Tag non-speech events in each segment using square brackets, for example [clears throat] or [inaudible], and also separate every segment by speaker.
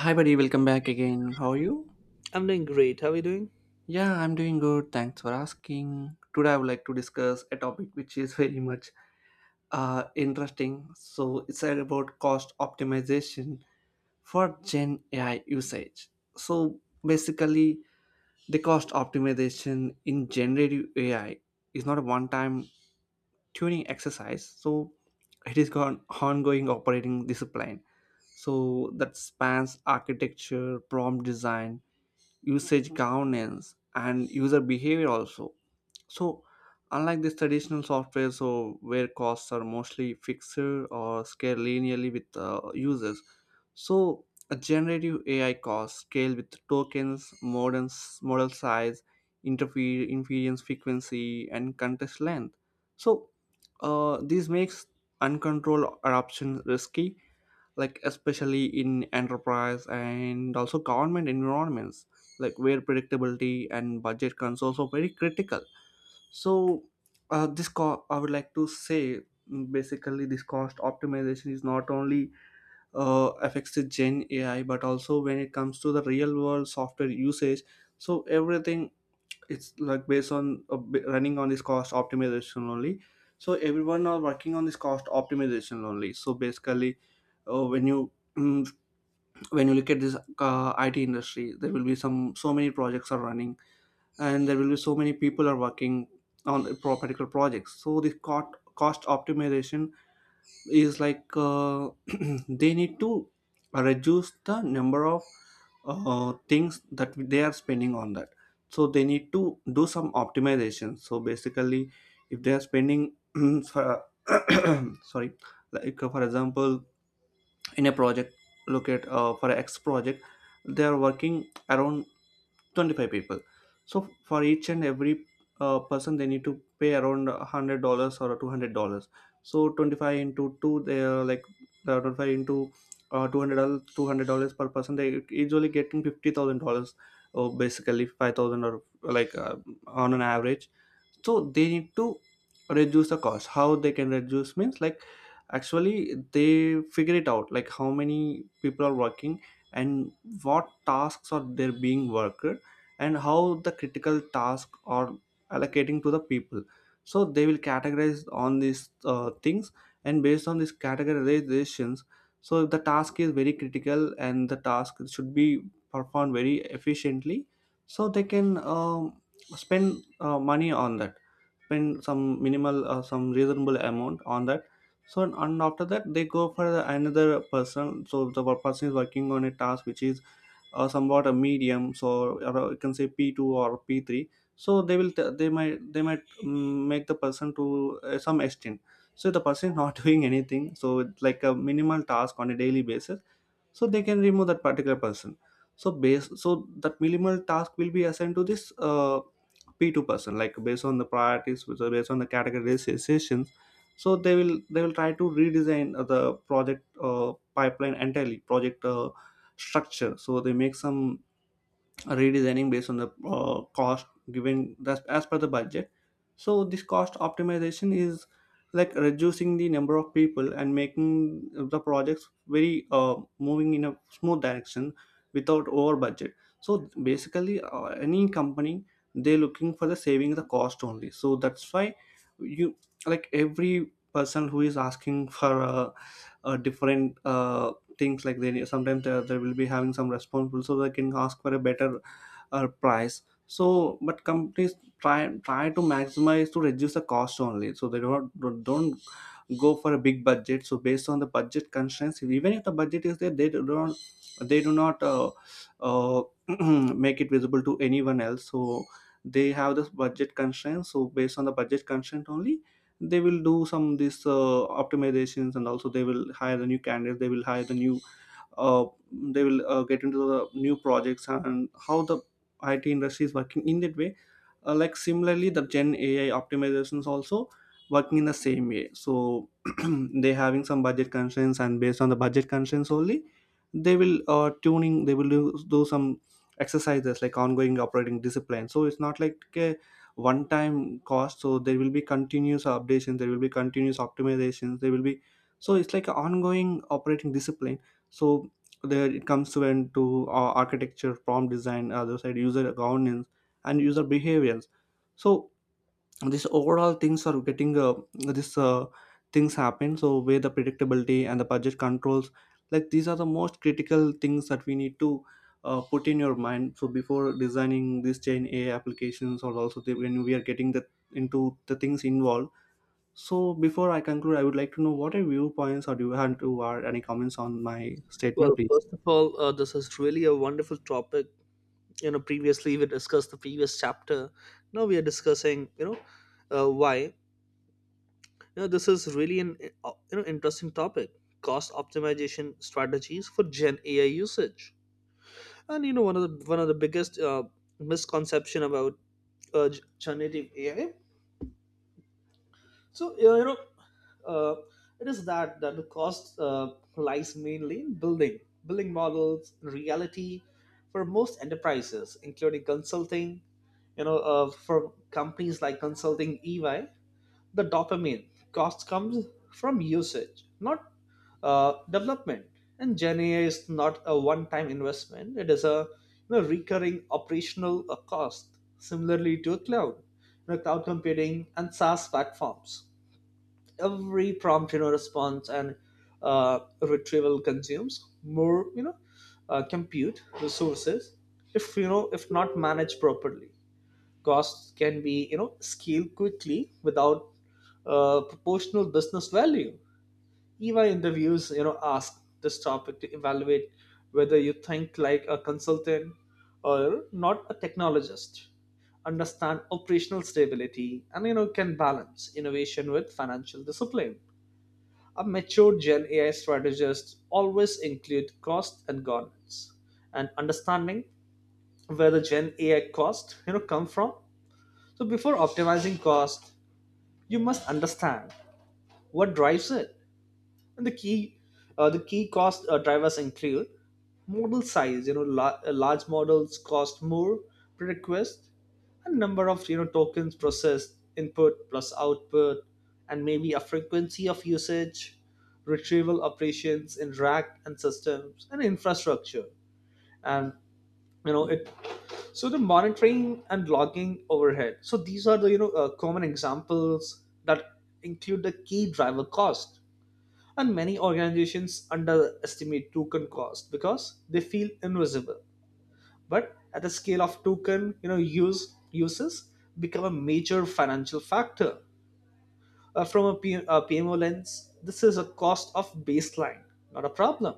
Speaker 1: Hi, buddy. Welcome back again. How are you?
Speaker 2: I'm doing great. How are you doing?
Speaker 1: Yeah, I'm doing good. Thanks for asking. Today, I would like to discuss a topic which is very much interesting. So it's about cost optimization for Gen AI usage. So, basically, the cost optimization in generative AI is not a one time tuning exercise. So it is an ongoing operating discipline. So that spans architecture, prompt design, usage governance and user behavior also. So, unlike this traditional software, so where costs are mostly fixed or scale linearly with users. So a generative ai cost scale with tokens modern, model size, inference frequency and context length. So this makes uncontrolled adoption risky, like especially in enterprise and also government environments, like where predictability and budget controls are very critical. So I would like to say, basically this cost optimization is not only affects the gen ai, but also when it comes to the real world software usage. So everything, it's like based on running on this cost optimization only. So everyone are working on this cost optimization only. So basically, when you, mm, when you look at this IT industry, there will be some so many projects are running, and there will be so many people are working on a particular projects. So the cost optimization is like [clears throat] they need to reduce the number of things that they are spending on that. So they need to do some optimization. So basically, if they are spending [clears throat] for, [clears throat] sorry, like for example, in a project, look at for X project, they are working around 25 people. So for each and every person they need to pay around $100 or $200. So 25 into 2, they are like 25 into $200, per person, they usually getting $50,000 or basically 5,000, or like on an average. So they need to reduce the cost. How they can reduce means, like, actually they figure it out like how many people are working, and what tasks are there being worked, and how the critical task are allocating to the people. So they will categorize on these things, and based on these categorizations, so if the task is very critical and the task should be performed very efficiently, so they can spend money on that, spend some minimal some reasonable amount on that. So, and after that they go for the another person, so the person is working on a task which is somewhat a medium, so or you can say p2 or p3. So they they might make the person to some extent. So the person is not [laughs] doing anything, so it's like a minimal task on a daily basis. So they can remove that particular person. So that minimal task will be assigned to this p2 person, like based on the priorities, so based on the categorizations. So they will try to redesign the project pipeline, entirely project structure. So they make some redesigning based on the cost given, that's as per the budget. So this cost optimization is like reducing the number of people and making the projects very moving in a smooth direction without over budget. So basically any company, they're looking for the saving the cost only. So that's why, you, like, every person who is asking for different things, like they sometimes they will be having some responsible, so they can ask for a better price. So, but companies try to maximize to reduce the cost only, so they don't go for a big budget. So based on the budget constraints, even if the budget is there, they do not uh, [clears throat] make it visible to anyone else. So they have this budget constraints. So based on the budget constraint only, they will do some this optimizations, and also they will hire the new candidates, they will hire the new uh, they will get into the new projects, and how the IT industry is working in that way. Like similarly, the Gen AI optimizations also working in the same way. So [clears throat] they having some budget constraints, and based on the budget constraints only, they will tuning. They will do some exercises, like ongoing operating discipline. So it's not like a one time cost. So there will be continuous updations. There will be continuous optimizations. There will be, so it's like an ongoing operating discipline. So there it comes when to into architecture, prompt design, other side user governance and user behaviors. So these overall things are getting this things happen, so where the predictability and the budget controls, like these are the most critical things that we need to put in your mind, so before designing these chain a applications, or also the, when we are getting the into the things involved. So before I conclude, I would like to know what are viewpoints, or do you have to or any comments on my statement
Speaker 2: Well,
Speaker 1: please.
Speaker 2: first of all, this is really a wonderful topic. You know, previously we discussed the previous chapter. Now we are discussing, you know, why. You know, this is really an you know interesting topic: cost optimization strategies for Gen AI usage. And you know, one of the biggest misconception about uh, generative AI. So you know, uh, it is that the cost lies mainly in building models. In reality, for most enterprises, including consulting. You know, for companies like consulting EY, the dopamine cost comes from usage, not development. And Gen AI is not a one-time investment; it is a, you know, recurring operational cost. Similarly to cloud, you know, cloud computing and SaaS platforms, every prompt, you know, response and retrieval consumes more, you know, compute resources. If, you know, if not managed properly, costs can be, you know, scaled quickly without proportional business value. EVA interviews, you know, ask this topic to evaluate whether you think like a consultant or not. A technologist understand operational stability and, you know, can balance innovation with financial discipline. A mature Gen AI strategist always include cost and governance and understanding where the Gen AI cost, you know, come from. So before optimizing cost, you must understand what drives it. And the key cost drivers include model size. You know, large models cost more per request, and number of, you know, tokens processed, input plus output, and maybe a frequency of usage, retrieval operations in rack and systems and infrastructure, and you know it. So the monitoring and logging overhead. So these are the, you know, common examples that include the key driver cost. And many organizations underestimate token cost because they feel invisible. But at the scale of token, you know, use uses become a major financial factor. From a PMO lens, this is a cost of baseline, not a problem.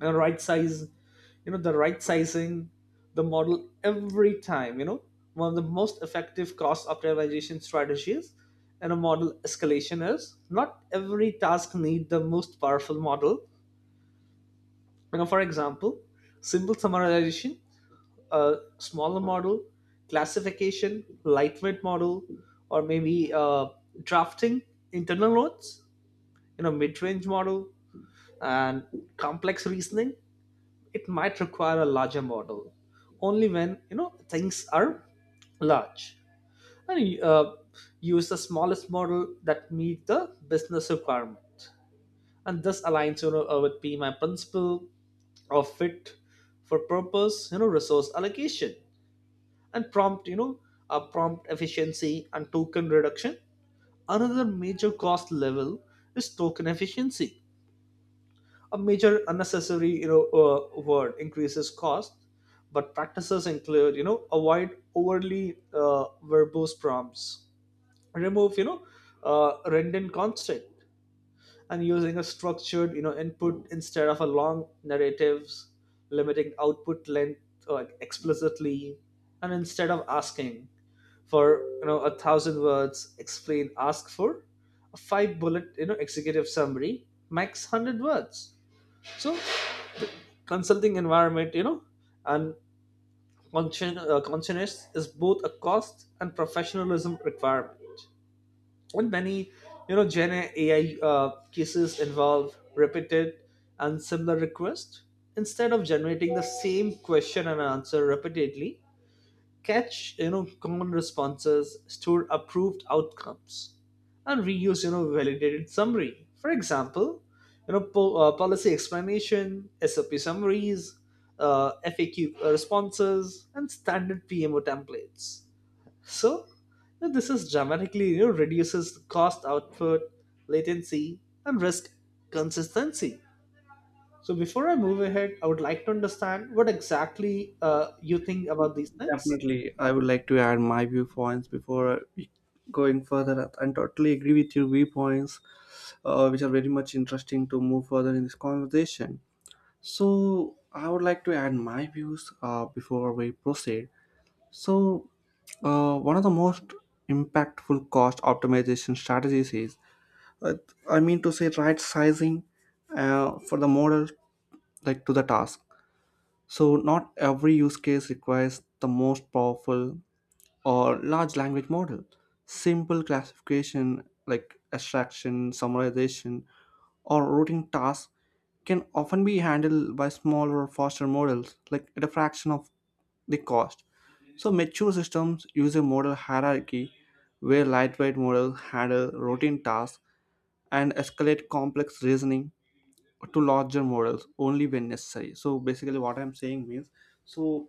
Speaker 2: And the right sizing the model every time, you know, one of the most effective cost optimization strategies in a model escalation is not every task need the most powerful model. You know, for example, simple summarization, a smaller model; classification, lightweight model; or maybe drafting internal notes, you know, mid-range model; and complex reasoning, it might require a larger model only when, you know, things are large. And use the smallest model that meet the business requirement, and this aligns, you know, with PMI principle or fit for purpose, you know, resource allocation. And prompt you know prompt efficiency and token reduction, another major cost level is token efficiency. A major unnecessary, you know, word increases cost. But practices include, you know, avoid overly verbose prompts, remove, you know, redundant content, and using a structured, you know, input instead of a long narratives, limiting output length, explicitly, and instead of asking for, you know, a thousand words explain, ask for a five bullet, you know, executive summary max 100 words. So consulting environment, you know, and consciousness is both a cost and professionalism requirement. And many, you know, gen AI cases involve repeated and similar requests. Instead of generating the same question and answer repeatedly, catch, you know, common responses, store approved outcomes, and reuse, you know, validated summary. For example, you know, policy explanation, SOP summaries, uh, FAQ responses, and standard PMO templates. So, you know, this is dramatically, you know, reduces cost output, latency, and risk consistency. So before I move ahead, I would like to understand what exactly, you think about these things.
Speaker 1: Definitely, I would like to add my viewpoints before going further. And totally agree with your viewpoints, which are very much interesting to move further in this conversation. So I would like to add my views before we proceed. So, one of the most impactful cost optimization strategies is, uh, I mean to say, right sizing for the model, like to the task. So not every use case requires the most powerful or large language model. Simple classification like extraction, summarization, or routing tasks can often be handled by smaller, faster models, like at a fraction of the cost. So mature systems use a model hierarchy where lightweight models handle routine tasks and escalate complex reasoning to larger models only when necessary. So basically, what I'm saying means, so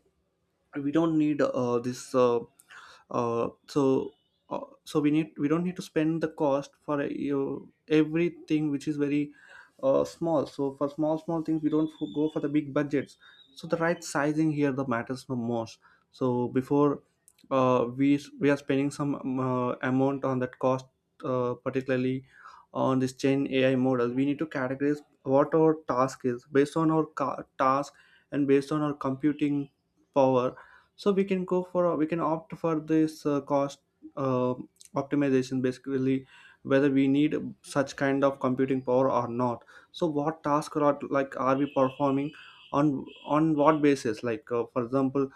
Speaker 1: we don't need this. So so we don't need to spend the cost for you everything which is very small. So for small small things we don't go for the big budgets. So the right sizing here the matters the most. So before we are spending some amount on that cost particularly on this chain ai model, we need to categorize what our task is, based on our task and based on our computing power. So we can opt for this cost uh, optimization, basically whether we need such kind of computing power or not. So what task are like are we performing, on what basis, like for example,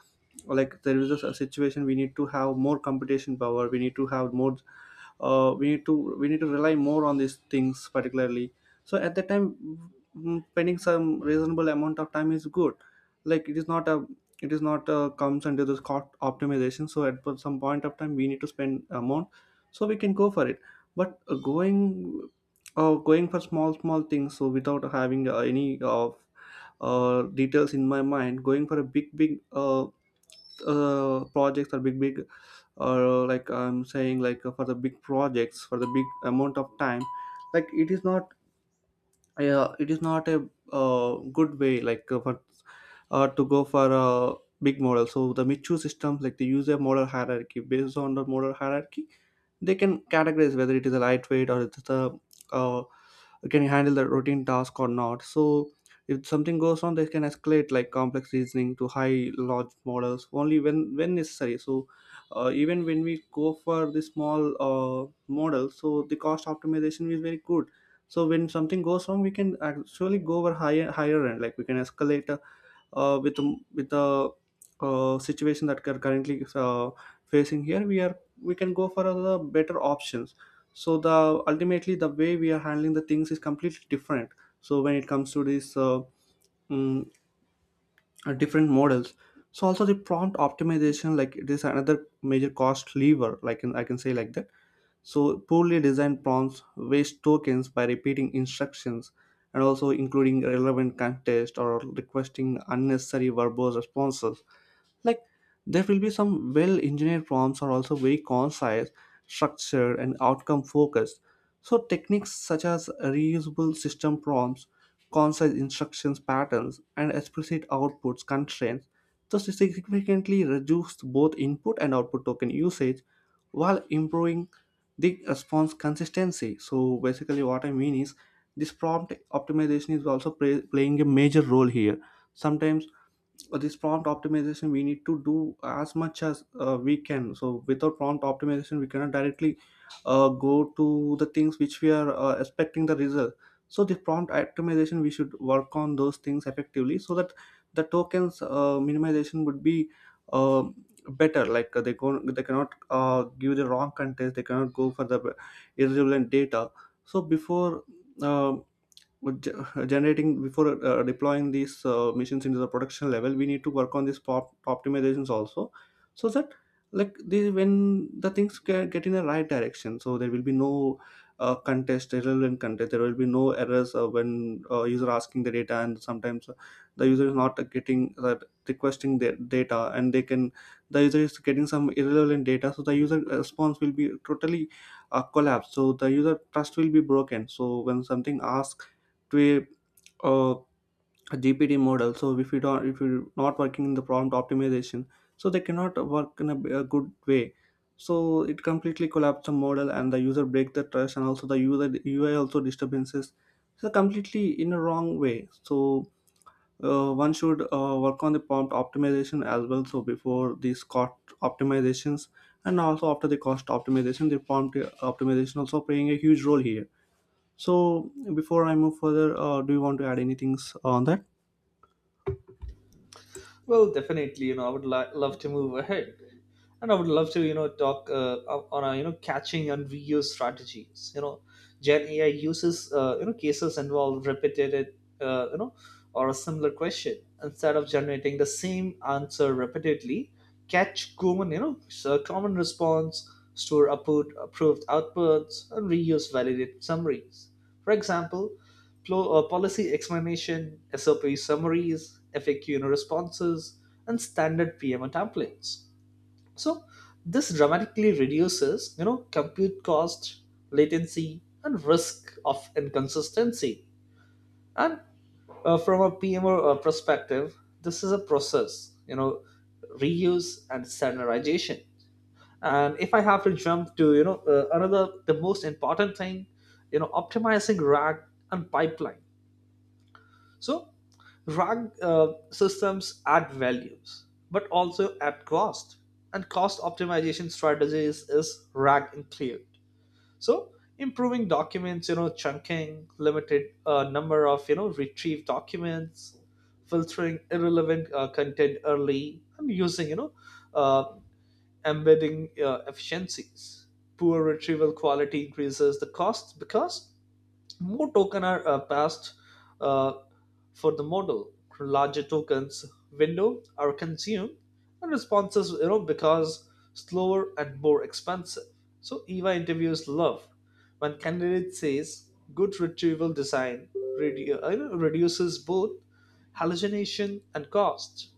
Speaker 1: like there is a situation we need to have more computation power, we need to have more we need to rely more on these things particularly. So at that time, spending some reasonable amount of time is good, like it is not a, it is not comes under this cost optimization. So at some point of time we need to spend amount, so we can go for it. But going for small small things, so without having any of details in my mind, going for a big big projects or big big, or like I'm saying, like for the big projects, for the big amount of time, like it is not a good way, like for to go for a big model. So the michu systems, like they use a model hierarchy, based on the model hierarchy they can categorize whether it is a lightweight or it's a uh, can handle the routine task or not. So if something goes on, they can escalate like complex reasoning to high large models only when necessary. So even when we go for the small model, so the cost optimization is very good. So when something goes wrong, we can actually go over higher higher end, like we can escalate with the situation that we are currently facing here, we can go for other better options. So the ultimately the way we are handling the things is completely different. So when it comes to these mm, different models, so also the prompt optimization, like it is another major cost lever. Like in, I can say like that so, poorly designed prompts waste tokens by repeating instructions and also including irrelevant context or requesting unnecessary verbose responses like there will be some well engineered prompts are also very concise, structured and outcome focused. So techniques such as reusable system prompts, concise instructions patterns and explicit outputs constraints thus significantly reduce both input and output token usage while improving the response consistency. So basically what I mean is this prompt optimization is also playing a major role here. Sometimes this prompt optimization we need to do as much as we can, so without prompt optimization we cannot directly go to the things which we are expecting the result. So the prompt optimization we should work on those things effectively so that the tokens minimization would be uh, better, like they go they cannot give the wrong context, they cannot go for the irrelevant data. So before uh with generating, before deploying these machines into the production level we need to work on these pop optimizations also, so that like the when the things get in the right direction, so there will be no contest, irrelevant contest, there will be no errors when user asking the data, and sometimes the user is not getting requesting their data and they can the user is getting some irrelevant data, so the user response will be totally collapse, so the user trust will be broken. So when something asks to a, uh, a GPT model, so if you don't if you're not working in the prompt optimization, so they cannot work in a good way. So it completely collapsed the model and the user break the trust and also the user UI also disturbances, so completely in a wrong way. So one should work on the prompt optimization as well. So before these cost optimizations and also after the cost optimization, the prompt optimization also playing a huge role here. So before I move further, do you want to add anything on that?
Speaker 2: Well, definitely, you know, I would love to move ahead, and I would love to, you know, talk, on a, you know, catching and reuse strategies. You know, Gen AI uses, you know, cases involve repeated, you know, or a similar question. Instead of generating the same answer repeatedly, catch common, you know, so common response, store approved outputs, and reuse validated summaries. For example, policy explanation, SOP summaries, FAQ responses, and standard PMO templates. So this dramatically reduces, you know, compute cost, latency, and risk of inconsistency. And from a PMO perspective, this is a process, you know, reuse and standardization. And if I have to jump to, you know, another the most important thing, you know, optimizing RAG and pipeline. So, RAG systems add values, but also at cost. And cost optimization strategies is RAG included. So, improving documents, you know, chunking, limited number of, you know, retrieved documents, filtering irrelevant content early, and using, you know, uh, embedding efficiencies. Poor retrieval quality increases the cost because more tokens are passed uh, for the model. Larger tokens window are consumed, and responses, you know, because slower and more expensive. So EVA interviews love when candidate says good retrieval design you know, reduces both hallucination and cost.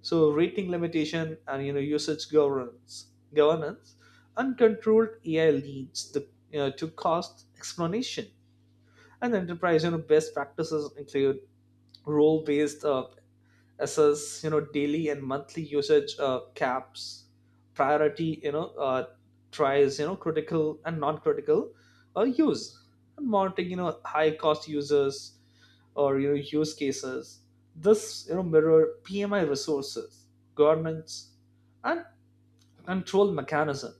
Speaker 2: So rating limitation and, you know, usage governance. Uncontrolled AI leads the, you know, to cost explanation, and enterprise, you know, best practices include role based assess, you know, daily and monthly usage caps, priority, you know, tries, you know, critical and non critical use, and monitoring, you know, high cost users or, you know, use cases. This, you know, mirror PMI resources governance and control mechanism.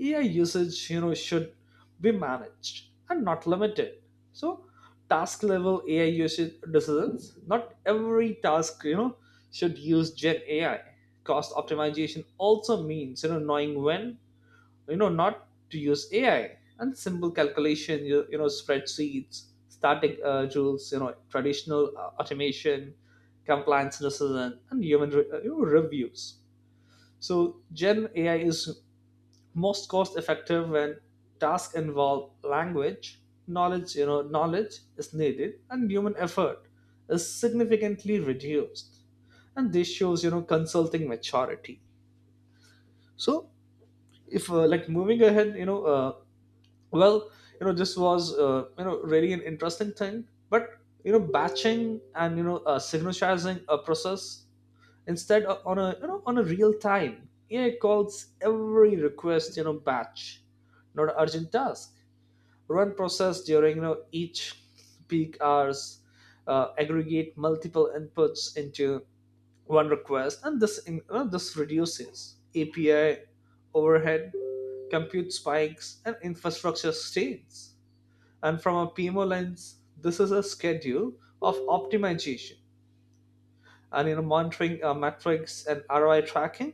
Speaker 2: AI usage, you know, should be managed and not limited. So, task level AI usage decisions. Not every task, you know, should use Gen AI. Cost optimization also means, you know, knowing when, you know, not to use AI, and simple calculation, you know, spreadsheets, static rules, you know, traditional automation, compliance decision, and human you know, reviews. So Gen AI is most cost effective when tasks involve language knowledge, you know, knowledge is needed and human effort is significantly reduced, and this shows, you know, consulting maturity. So if like moving ahead, you know, well, you know, this was, you know, really an interesting thing. But you know, batching and, you know, synchronizing a process instead on a, you know, on a real time AI calls, every request, you know, batch not an urgent task, run process during, you know, each peak hours, aggregate multiple inputs into one request. And this you know, this reduces API overhead, compute spikes, and infrastructure strains. And from a PMO lens, this is a schedule of optimization. And you know, monitoring metrics and ROI tracking.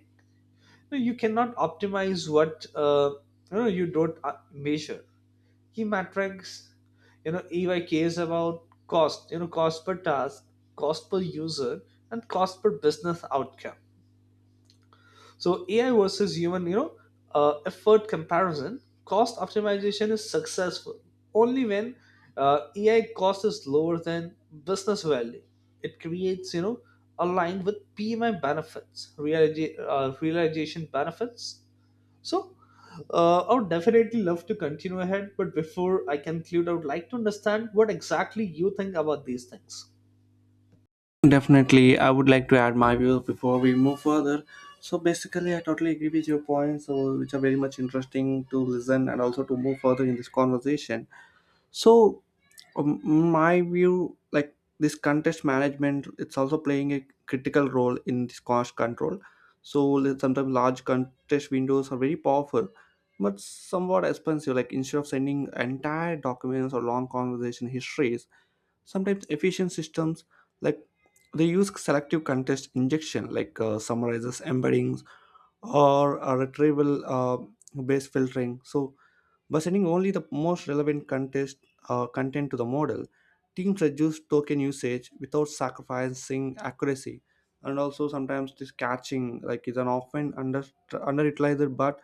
Speaker 2: No, you cannot optimize what, you know, you don't, measure. Key metrics, you know, EY cares about cost, you know, cost per task, cost per user, and cost per business outcome. So AI versus human, you know, effort comparison. Cost optimization is successful only when AI cost is lower than business value it creates, you know, aligned with PMI benefits realization benefits. So, I would definitely love to continue ahead, but before I conclude, I would like to understand what exactly you think about these things.
Speaker 1: Definitely, I would like to add my views before we move further. So basically, I totally agree with your points, so which are very much interesting to listen and also to move further in this conversation. So um, my view like this contest management, it's also playing a critical role in this cost control. So let- sometimes large contest windows are very powerful but somewhat expensive, like instead of sending entire documents or long conversation histories, sometimes efficient systems like they use selective contest injection like summarizes embeddings or retrieval based filtering. So by sending only the most relevant contest content to the model, teams reduce token usage without sacrificing accuracy. And also sometimes this catching like is an often under underutilized but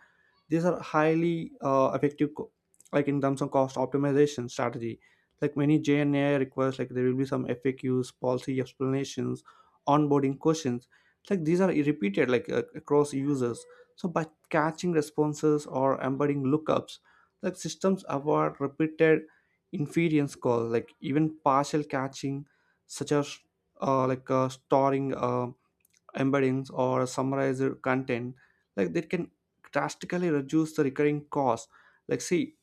Speaker 1: these are highly effective co- like in terms of cost optimization strategy, like many jna requests, like there will be some FAQs, policy explanations, onboarding questions, like these are repeated like across users. So by catching responses or embedding lookups, like systems avoid repeated inference calls, like even partial catching such as storing embeddings or summarized content, like they can drastically reduce the recurring cost. Like see,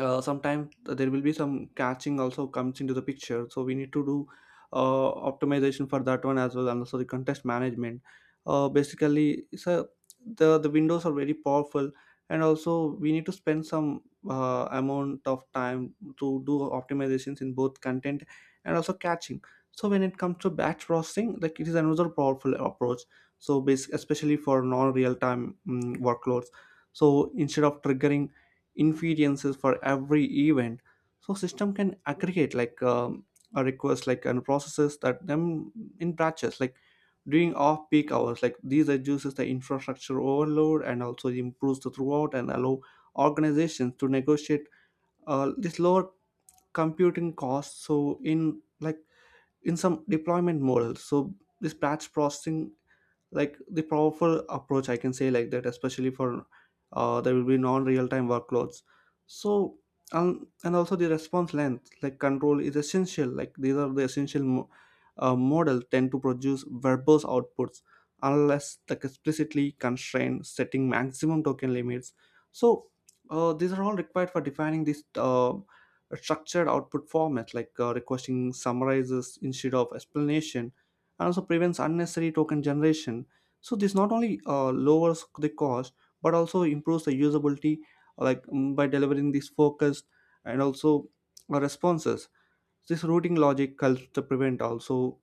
Speaker 1: sometimes there will be some catching also comes into the picture, so we need to do optimization for that one as well, and also the contest management basically. So the windows are very powerful, and also we need to spend some amount of time to do optimizations in both content and also catching. So when it comes to batch processing, like it is another powerful approach, so bas- especially for non real time workloads. So instead of triggering inferences for every event, so system can aggregate like a request like and processes that them in batches, like during off peak hours, like these reduces the infrastructure overload and also improves the throughput and allow organizations to negotiate this lower computing costs. So in like in some deployment models, so this batch processing like the powerful approach I can say like that, especially for there will be non-real-time workloads. So and also the response length like control is essential, like these are the essential mo- model tend to produce verbose outputs unless like explicitly constrained, setting maximum token limits. So these are all required for defining this structured output format, like requesting summarizes instead of explanation, and also prevents unnecessary token generation. So this not only lowers the cost but also improves the usability, like by delivering these focused and also responses. This routing logic helps to prevent also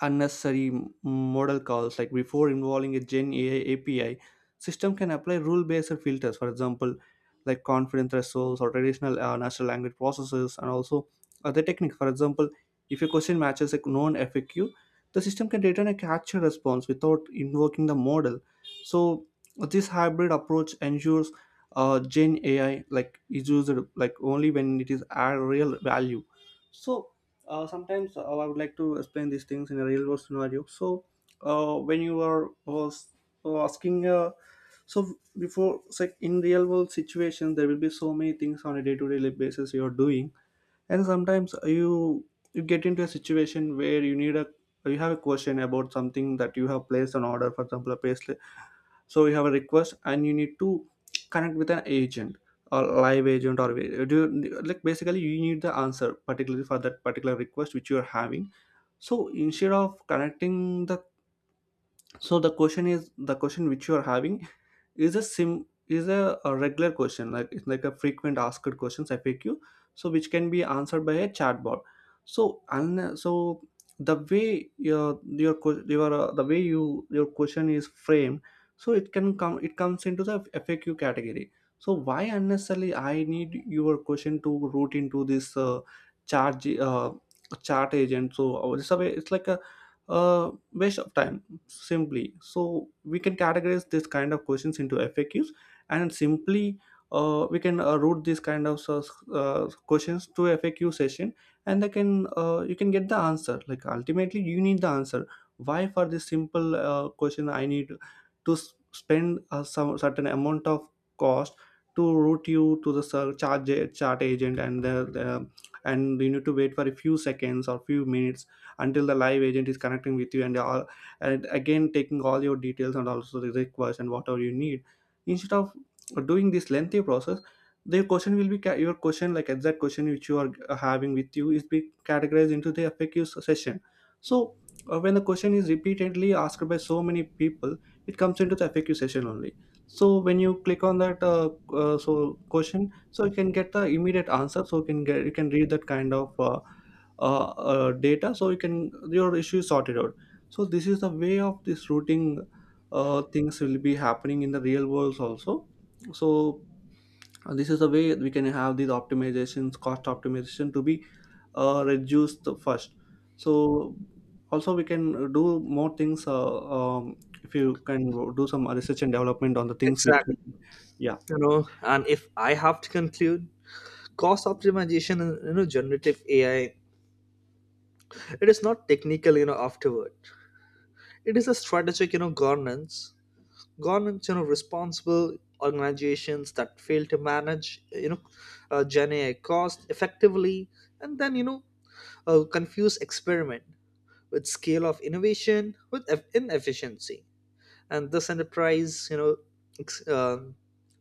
Speaker 1: unnecessary model calls, like before involving a gen AI API, system can apply rule based filters. For example, like confidence thresholds or traditional natural language processes and also other techniques. For example, if a question matches a known FAQ, the system can return a capture response without invoking the model. So this hybrid approach ensures gen AI like is used like only when it is add real value. So sometimes I would like to explain these things in a real world scenario. So, when you are was asking, so before, it's like in real world situations, there will be so many things on a day to day basis you are doing, and sometimes you get into a situation where you need a you have a question about something that you have placed an order, for example, a pay. So you have a request and you need to connect with an agent or live agent, or do you, like basically you need the answer particularly for that particular request which you are having. So instead of connecting the so the question is the question which you are having is a a regular question, like it's like a frequent asked questions, FAQ, so which can be answered by a chatbot. So and so the way your que- your the way your question is framed, so it can come it comes into the FAQ category. So why unnecessarily I need your question to route into this charge chart agent. So it's a way it's like a waste of time simply. So we can categorize this kind of questions into FAQs and simply we can route these kind of questions to FAQ session, and they can you can get the answer, like ultimately you need the answer. Why for this simple question I need to s- spend a some certain amount of cost to route you to the ser- charge chart agent, and the and you need to wait for a few seconds or few minutes until the live agent is connecting with you and all, and again taking all your details and also the request and whatever you need, instead of doing this lengthy process. Their question will be ca- your question, like exact question which you are having with you is be categorized into the FAQ session. So when the question is repeatedly asked by so many people, it comes into the FAQ session only. So when you click on that so question, so you can get the immediate answer, so you can get you can read that kind of uh, data, so you can your issue is sorted out. So this is the way of this routing things will be happening in the real world also. So this is the way we can have these optimizations, cost optimization to be reduced first. So also we can do more things if you can do some research and development on the things which
Speaker 2: Exactly.
Speaker 1: we, yeah.
Speaker 2: You know, and if I have to conclude, cost optimization and, you know, generative AI, it is not technical, you know, afterward. It is a strategic, you know, governance. Governance, you know, responsible organizations that fail to manage, you know, Gen AI cost effectively, and then you know, confuse experiment with scale of innovation with inefficiency. And this enterprise, you know, ex- uh,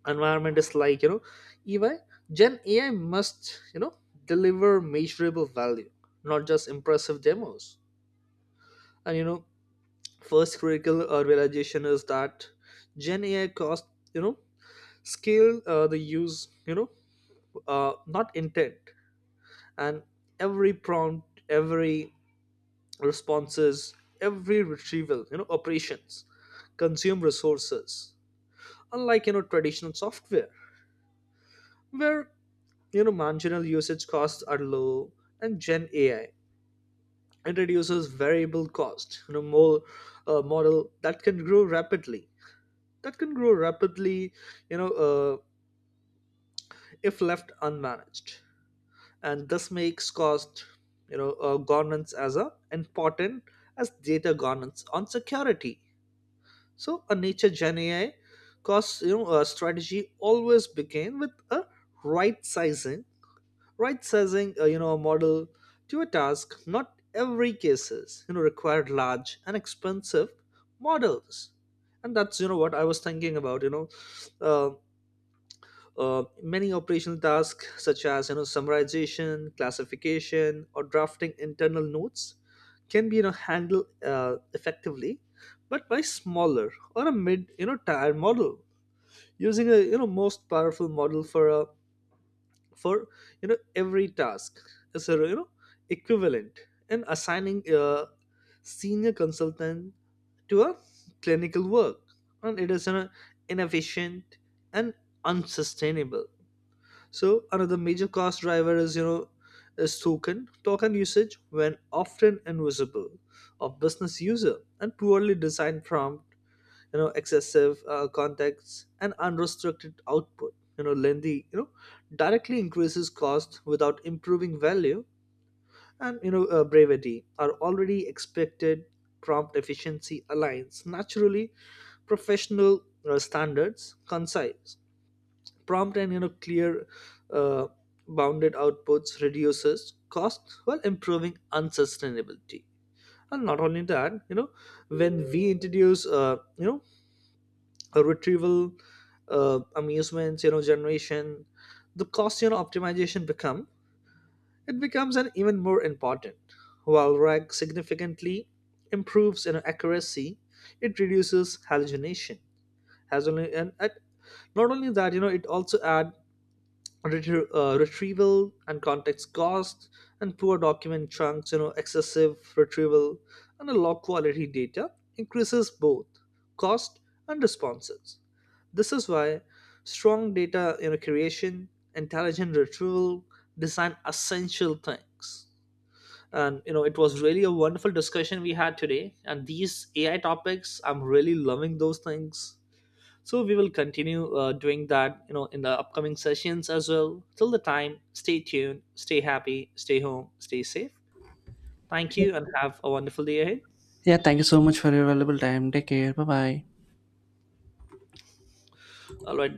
Speaker 2: environment is, like, you know, EY, Gen AI must, you know, deliver measurable value, not just impressive demos. And you know, first critical realization is that Gen AI cost, you know, scale the use, you know, not intent. And every prompt, every responses, every retrieval, you know, operations consume resources. Unlike, you know, traditional software where, you know, marginal usage costs are low, and Gen AI introduces variable cost, you know, more model that can grow rapidly, you know, if left unmanaged. And this makes cost, you know, governance as a important as data governance on security. So a nature Gen AI cost, you know, a strategy always began with a right sizing, right sizing you know, a model to a task. Not every cases, you know, required large and expensive models, and that's, you know, what I was thinking about. You know, uh, many operational tasks such as, you know, summarization, classification, or drafting internal notes can be, you know, handled effectively, but by smaller or a mid, you know, tier model. Using a, you know, most powerful model for a for you know, every task is a, you know, equivalent, and assigning a senior consultant to a clinical work, and it is, you know, inefficient and unsustainable. So another major cost driver is, you know, is token usage when often invisible of business user. And poorly designed prompt, you know, excessive context and unrestricted output, you know, lengthy, you know, directly increases cost without improving value. And you know, brevity are already expected. Prompt efficiency aligns naturally professional standards, concise prompt, and you know, clear uh, bounded outputs reduces costs while improving unsustainability. And not only that, you know, when we introduce, you know, a retrieval amusements, you know, generation, the cost, you know, optimization become, it becomes an even more important. While RAG significantly improves, you know, accuracy, it reduces hallucination has only. And at, not only that, you know, it also add retrieval and context costs. And poor document chunks, you know, excessive retrieval and a low quality data increases both cost and responses. This is why strong data, you know, creation, intelligent retrieval design essential things. And you know, it was really a wonderful discussion we had today, and these AI topics I'm really loving those things. So we will continue doing that, you know, in the upcoming sessions as well. Till the time, stay tuned, stay happy, stay home, stay safe. Thank
Speaker 1: Sure.
Speaker 2: you and have a wonderful day ahead.
Speaker 1: Yeah, thank you so much for your valuable time. Take care. Bye bye.
Speaker 2: All right.